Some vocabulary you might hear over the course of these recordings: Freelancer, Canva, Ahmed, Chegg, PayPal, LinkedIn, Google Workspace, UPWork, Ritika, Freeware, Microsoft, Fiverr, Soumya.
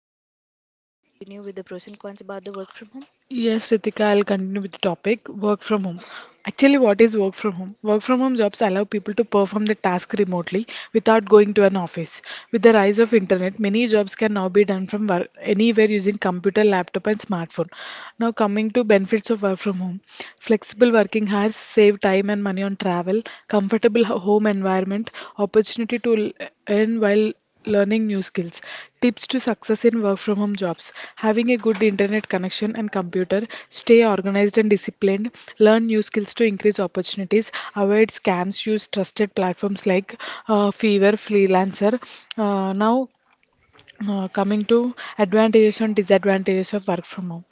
Soumya, would you like to continue with the pros and cons about the work from home? Yes, Ritika, I'll continue with the topic work from home. Actually, what is work from home? Work from home jobs allow people to perform the task remotely without going to an office. With the rise of internet, many jobs can now be done from anywhere using computer, laptop and smartphone. Now coming to benefits of work from home. Flexible working hours save time and money on travel, comfortable home environment, opportunity to earn while learning new skills. Tips to success in work from home jobs. Having a good internet connection and computer, stay organized and disciplined, learn new skills to increase opportunities, avoid scams, use trusted platforms like Fiverr, Freelancer. Uh, now, Coming to advantages and disadvantages of work from home,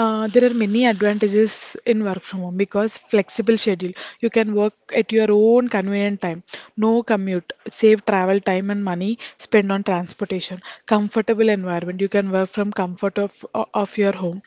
there are many advantages in work from home because flexible schedule, you can work at your own convenient time, no commute, save travel time and money spent on transportation, comfortable environment, you can work from comfort of your home,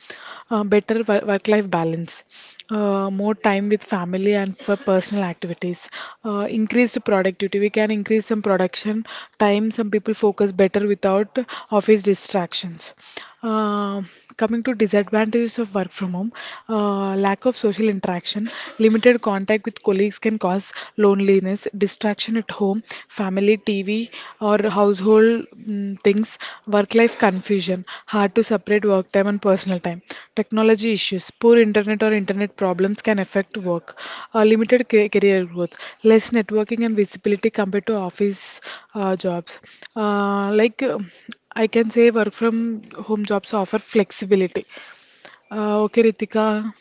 better work life balance, more time with family and for personal activities, increased productivity. We can increase some production time, some people focus better without office distractions. Uh, coming to disadvantages of work from home, lack of social interaction, limited contact with colleagues can cause loneliness, distraction at home, family, TV, or household things, work life confusion, hard to separate work time and personal time, technology issues, poor internet or internet problems can affect work, limited career growth, less networking and visibility compared to office jobs. Uh, like uh, I can say work from home jobs offer flexibility. Okay, Ritika,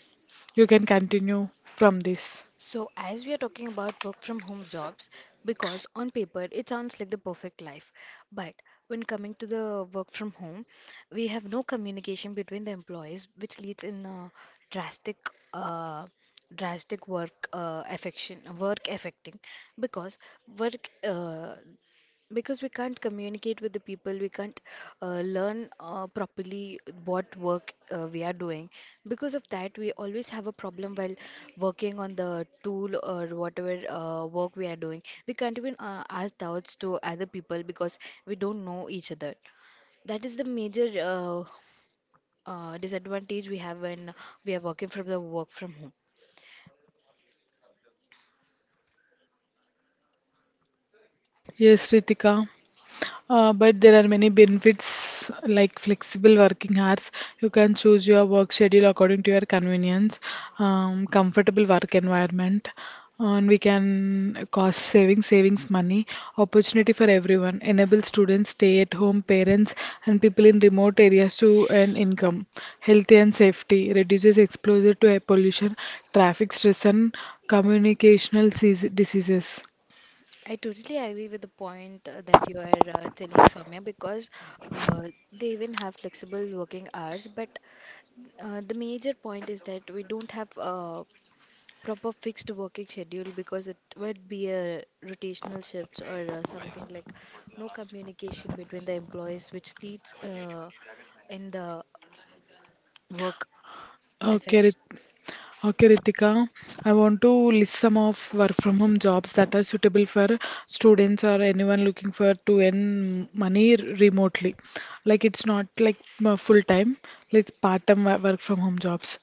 you can continue from this. So, as we are talking about work from home jobs, because on paper it sounds like the perfect life, but when coming to the work from home, we have no communication between the employees, which leads in a drastic, uh, drastic work affection, work affecting, because work because we can't communicate with the people, we can't learn properly what work we are doing. Because of that, we always have a problem while working on the tool or whatever work we are doing. We can't even ask doubts to other people because we don't know each other. That is the major disadvantage we have when we are working from the work from home. Yes, Ritika. But there are many benefits like flexible working hours. You can choose your work schedule according to your convenience, comfortable work environment, and we can cost savings money. Opportunity for everyone. Enable students, stay-at-home parents, and people in remote areas to earn income. Healthy and safety. Reduces exposure to air pollution, traffic stress, and diseases. I totally agree with the point that you are telling, Soumya, because they even have flexible working hours. But the major point is that we don't have a proper fixed working schedule because it would be a rotational shifts or something like no communication between the employees, which leads in the work Okay, affection. Okay, Ritika, I want to list some of work from home jobs that are suitable for students or anyone looking for to earn money remotely. Like it's not like full time, it's part time work from home jobs.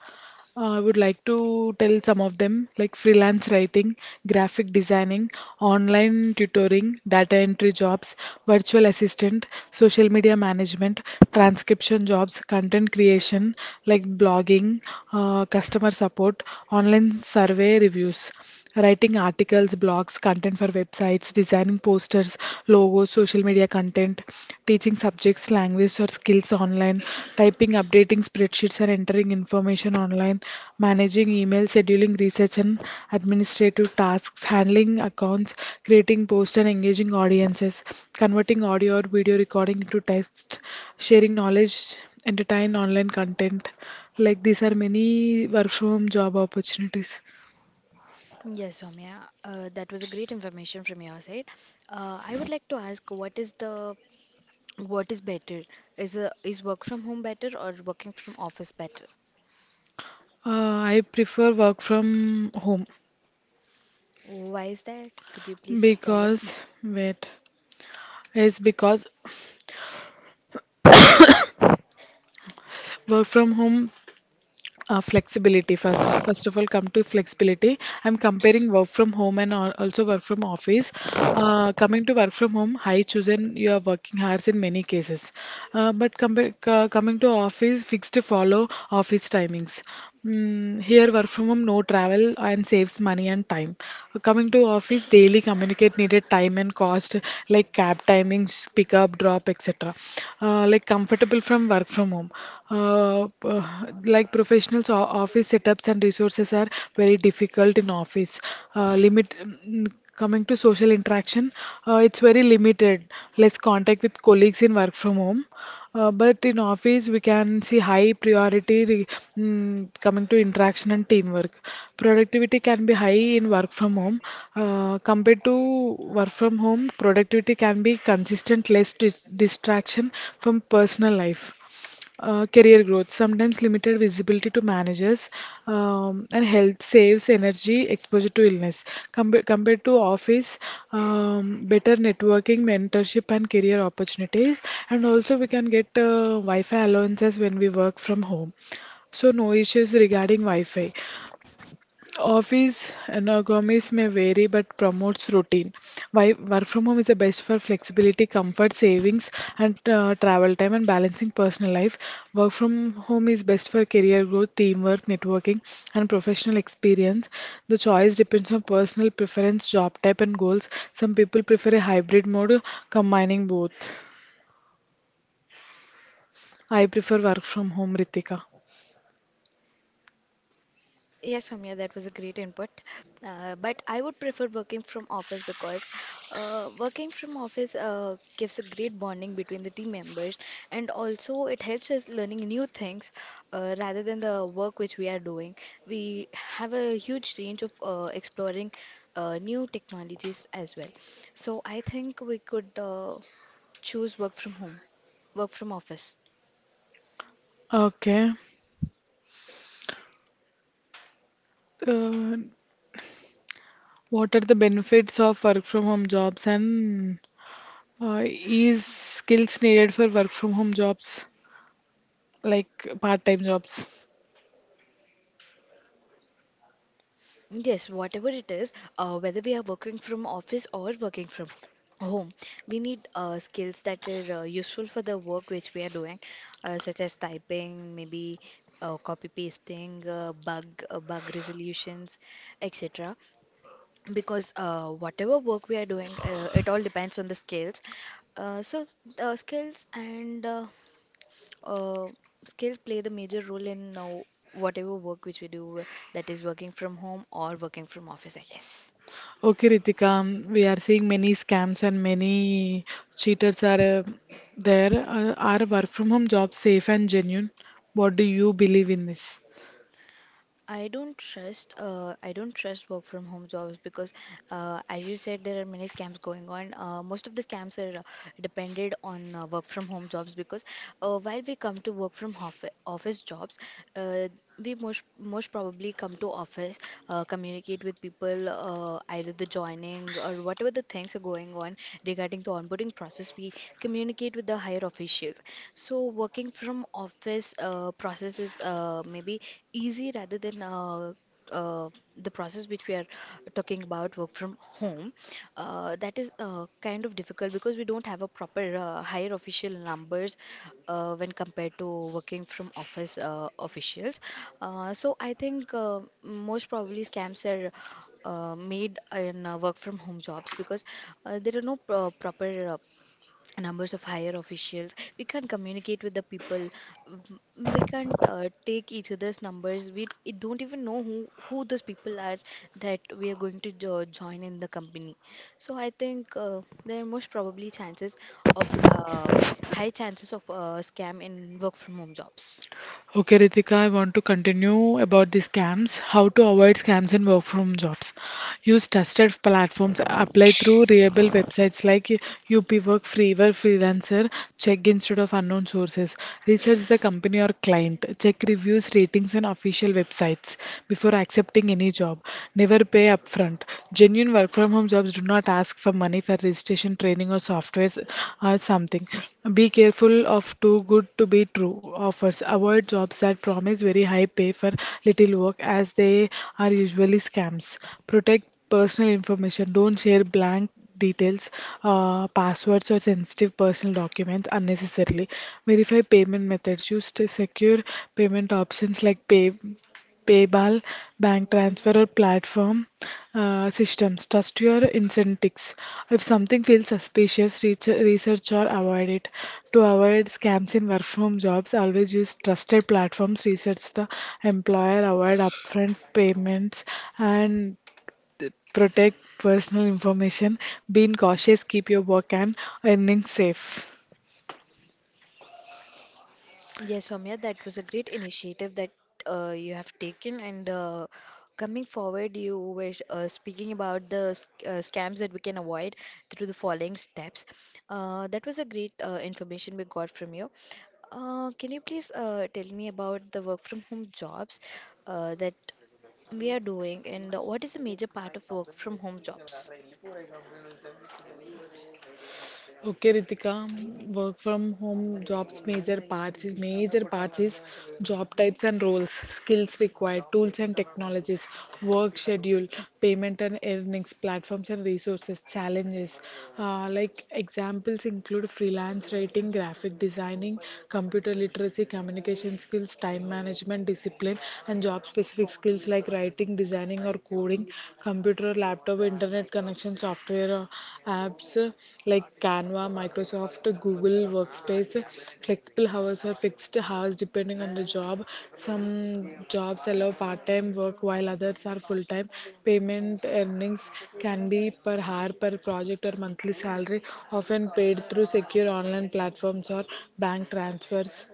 I would like to tell some of them like freelance writing, graphic designing, online tutoring, data entry jobs, virtual assistant, social media management, transcription jobs, content creation like blogging, customer support, online survey reviews, writing articles, blogs, content for websites, designing posters, logos, social media content, teaching subjects, language or skills online, typing, updating spreadsheets and entering information online, managing email, scheduling research and administrative tasks, handling accounts, creating posts and engaging audiences, converting audio or video recording into text, sharing knowledge, entertain online content. Like these are many work from job opportunities. Yes, Soumya, that was a great information from your side. I would like to ask, What is better? Is work from home better or working from office better? I prefer work from home Why is that? Could you please tell us? because wait is because work from home, flexibility. First of all, come to flexibility. I'm comparing work from home and also work from office. Uh, coming to work from home, high chosen you are working hours in many cases, but coming to office, fixed to follow office timings. Mm, here, work from home, no travel, and saves money and time. Coming to office, daily communicate needed time and cost, like cab timings, pick up, drop, etc. Like comfortable from work from home. Uh, p- like professionals, office setups and resources are very difficult in office. Limit. Mm, coming to social interaction, it's very limited. Less contact with colleagues in work from home. But in office, we can see high priority coming to interaction and teamwork. Productivity can be high in work from home. Compared to work from home, productivity can be consistent, less distraction from personal life. Career growth, sometimes limited visibility to managers, and health saves energy exposure to illness. Compared to office, better networking, mentorship, and career opportunities. And also, we can get Wi Fi allowances when we work from home. So, no issues regarding Wi Fi. Office ergonomics may vary but promotes routine. Why work from home is the best for flexibility, comfort, savings, and travel time and balancing personal life. Work from home is best for career growth, teamwork, networking, and professional experience. The choice depends on personal preference, job type, and goals. Some people prefer a hybrid mode combining both. I prefer work from home, Ritika. Yes, Soumya, that was a great input. But I would prefer working from office because working from office gives a great bonding between the team members, and also it helps us learning new things rather than the work which we are doing. We have a huge range of exploring new technologies as well. So I think we could choose work from home, work from office. Okay. Uh, what are the benefits of work from home jobs and is skills needed for work from home jobs, like part-time jobs. Yes, whatever it is, whether we are working from office or working from home, we need skills that are useful for the work which we are doing, such as typing, maybe copy pasting, uh, bug resolutions, etc. Because whatever work we are doing, it all depends on the skills. Uh, so skills and uh, skills play the major role in whatever work which we do, that is working from home or working from office, I guess. Okay, Ritika, we are seeing many scams and many cheaters are there. Are work from home jobs safe and genuine? What do you believe in this? I don't trust work from home jobs because as you said there are many scams going on. Most of the scams are depended on work from home jobs because while we come to work from hof office jobs, uh, we most probably come to office, communicate with people either the joining or whatever the things are going on regarding the onboarding process. We communicate with the higher officials. So working from office process is maybe easy rather than uh, the process which we are talking about work from home. That is kind of difficult because we don't have a proper higher official numbers when compared to working from office officials. So I think most probably scams are made in work from home jobs because there are no proper numbers of higher officials. We can't communicate with the people. um, we can't take each other's numbers. We it don't even know who those people are that we are going to join in the company. So I think there are most probably chances of high chances of scam in work from home jobs. Okay, Ritika, I want to continue about the scams. How to avoid scams in work from jobs. Use trusted platforms. Apply through reliable websites like UPWork, Freeware, Freelancer. Check instead of unknown sources. Research the company or client. Check reviews, ratings, and official websites before accepting any job. Never pay upfront. Genuine work from home jobs do not ask for money for registration training or softwares or something. Be careful of too good to be true offers. Avoid jobs that promise very high pay for little work as they are usually scams. Protect personal information. Don't share blank details, passwords, or sensitive personal documents unnecessarily. Verify payment methods. Use to secure payment options like PayPal, bank transfer, or platform systems. Trust your incentives. If something feels suspicious, reach, research or avoid it. To avoid scams in work from jobs, always use trusted platforms. Research the employer, avoid upfront payments, and protect personal information. Being cautious, keep your work and earnings safe. Yes, Soumya, that was a great initiative that you have taken. And coming forward, you were speaking about the scams that we can avoid through the following steps. That was a great information we got from you. Can you please tell me about the work from home jobs that we are doing, and what is a major part of work from home jobs? Okay, Ritika, work from home jobs major parts is job types and roles, skills required, tools and technologies, work schedule, payment and earnings, platforms and resources, challenges. Like examples include freelance writing, graphic designing, computer literacy, communication skills, time management, discipline, and job specific skills like writing, designing, programming or coding, computer, laptop, internet connection, software, apps like Canva, Microsoft, Google Workspace, flexible hours or fixed hours depending on the job. Some jobs allow part time work while others are full time. Payment earnings can be per hour, per project, or monthly salary, often paid through secure online platforms or bank transfers.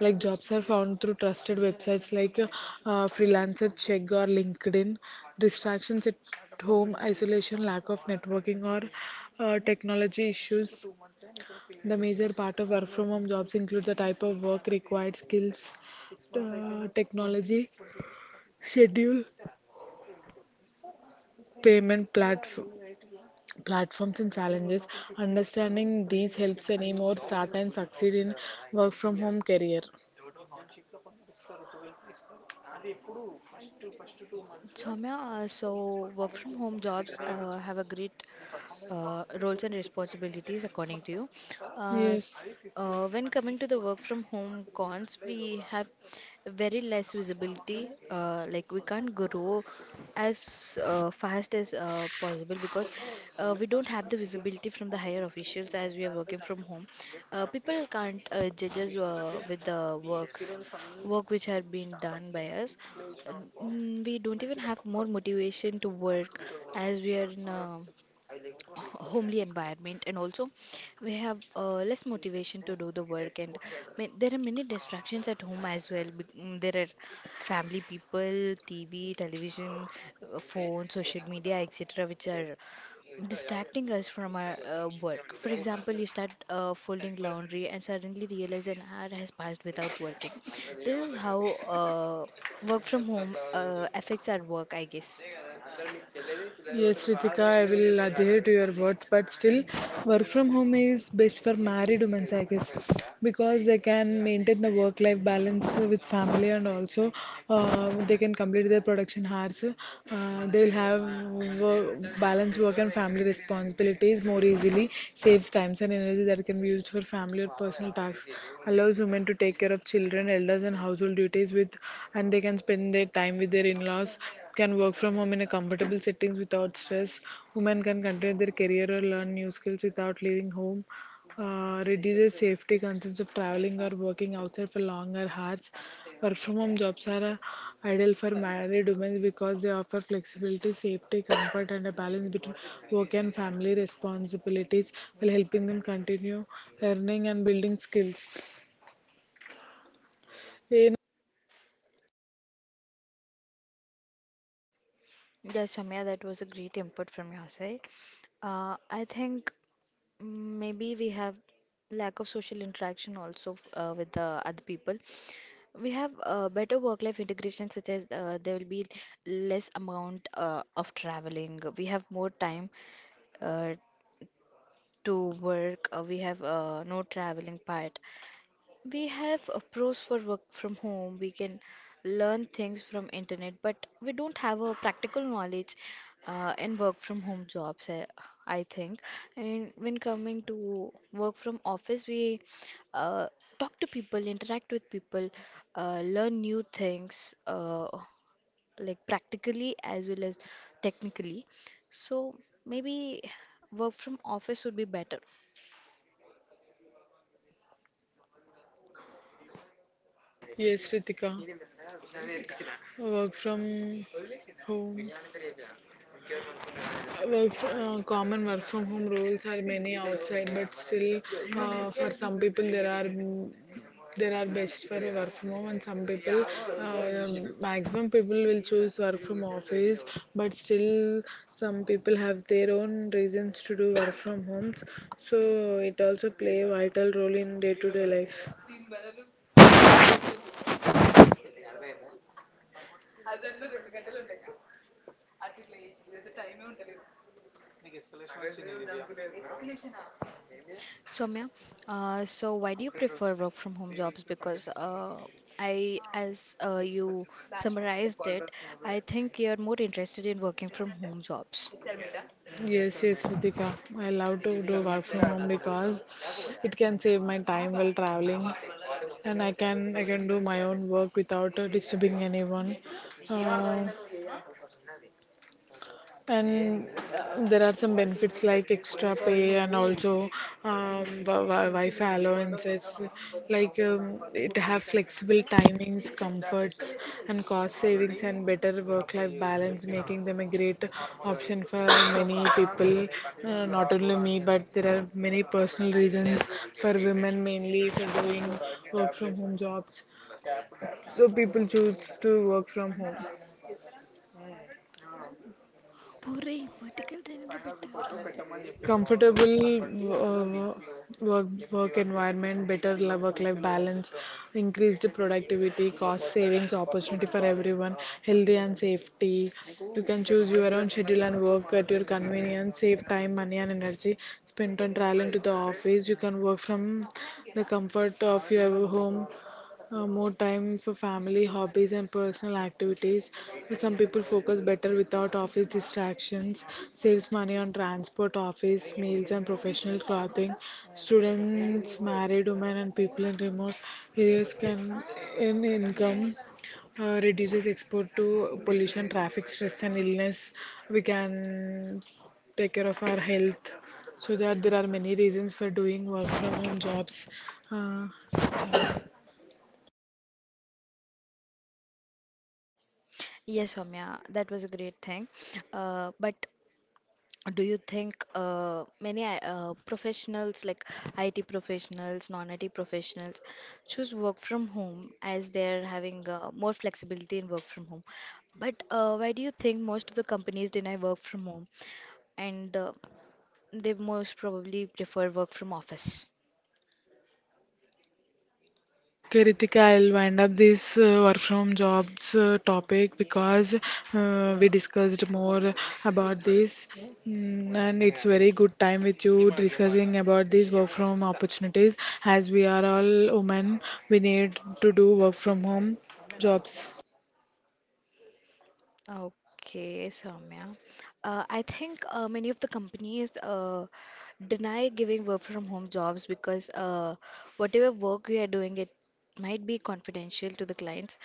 Like jobs are found through trusted websites like Freelancer, Chegg, or LinkedIn. Distractions at home, isolation, lack of networking, or technology issues. The major part of work from home jobs include the type of work required, skills, technology, schedule, payment platforms and challenges, understanding these helps anymore start and succeed in work from home career. Soumya, so work from home jobs have a great roles and responsibilities according to you. Uh, s- yes when coming to the work from home cons, we have very less visibility. Like we can't grow as fast as possible because we don't have the visibility from the higher officials as we are working from home. People can't judge us with the work which had been done by us, uh, we don't even have more motivation to work as we are in a homely environment, and also we have less motivation to do the work, and there are many distractions at home as well. There are family people, tv, television, phone, social media, etc, which are distracting us from our work. For example, you start folding laundry and suddenly realize an hour has passed without working. This is how uh, work from home affects our work, I guess. Yes, Ritika, I will adhere to your words, but still, work from home is best for married women, I guess, because they can maintain the work life balance with family and also they can complete their production hours. They will have balance work and family responsibilities more easily, saves times and energy that can be used for family or personal tasks, allows women to take care of children, elders, and household duties with, and they can spend their time with their in-laws, can work from home in a comfortable settings without stress. Women can continue their career or learn new skills without leaving home, reduces safety concerns of traveling or working outside for longer hours. Work from home jobs are ideal for married women because they offer flexibility, safety, comfort, and a balance between work and family responsibilities while helping them continue earning and building skills. Yes, Soumya, that was a great input from your side. I think mm, maybe we have lack of social interaction also with the other people. We have better work-life integration, such as there will be less amount of traveling. We have more time uh, to work. We have no traveling part. We have a pros for work from home. We can learn things from internet, but we don't have a practical knowledge in work from home jobs, I think. And when coming to work from office, we uh, talk to people, interact with people, learn new things, like practically as well as technically. So maybe work from office would be better. Yes, Ritika, work from home. Work fr- common work from home rules are many outside, but still, for some people there are there are best for work from home, and some people, uh, maximum people will choose work from office. But still, some people have their own reasons to do work from homes, so it also play a vital role in day-to-day life. Soumya, so why do you prefer work from home jobs? Because I, as you summarized it, I think you're more interested in working from home jobs. Yes, Ritika. I love to do work from home because it can save my time while traveling, and I can do my own work without disturbing anyone. Uh, and there are some benefits like extra pay and also Wi-Fi allowances. Like it have flexible timings, comforts, and cost savings, and better work-life balance, making them a great option for many people. Not only me, but there are many personal reasons for women mainly for doing work from home jobs. So people choose to work from home. Puri, vertical train lo better. Comfortable, uh, work work environment, better work life balance, increased productivity, cost savings, opportunity for everyone, healthy and safety. You can choose your own schedule and work at your convenience, save time money and energy spent on traveling to the office, you can work from the comfort of your home, more time for family, hobbies, and personal activities. But some people focus better without office distractions, saves money on transport, office, meals, and professional clothing. Students, married women, and people in remote areas can earn income. Reduces export to pollution, traffic, stress, and illness. We can take care of our health, so that there are many reasons for doing work from home jobs uh, Yes, Soumya, that was a great thing. But do you think many professionals, like IT professionals, non-IT professionals, choose work from home as they're having more flexibility in work from home? But why do you think most of the companies deny work from home and they most probably prefer work from office? Okay, Ritika, I'll wind up this work from jobs topic because we discussed more about this. Mm, and it's very good time with you discussing about these work from opportunities. As we are all women, we need to do work from home jobs. Okay, Soumya. I think many of the companies deny giving work from home jobs because whatever work we are doing, it might be confidential to the clients.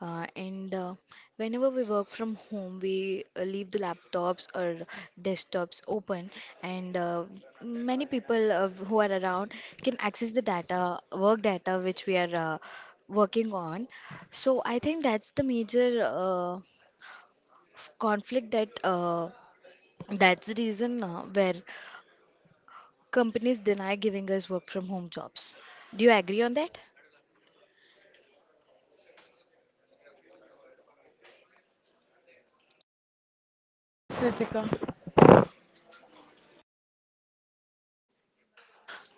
And Whenever we work from home, we leave the laptops or desktops open, and many people who are around can access the data, work data which we are working on. So I think that's the major. Conflict that that's the reason where companies deny giving us work from home jobs. Do you agree on that? Yes, Ritika.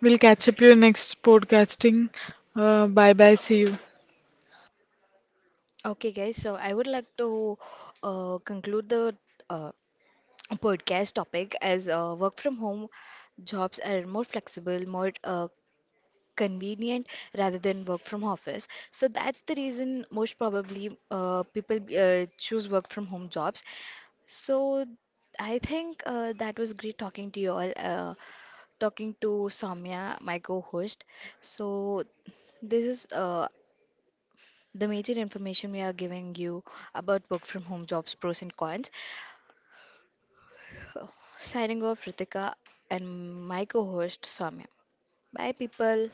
We'll catch up you next podcasting. Bye bye. See you. Okay, guys, so I would like to conclude the uh, podcast topic as work from home jobs are more flexible, more convenient rather than work from office. So that's the reason most probably people choose work from home jobs. So I think that was great talking to you all. Talking to Samya, my co-host. So this is the major information we are giving you about work from home jobs, pros and cons. Signing off, Ritika and my co-host Samya. Bye, people.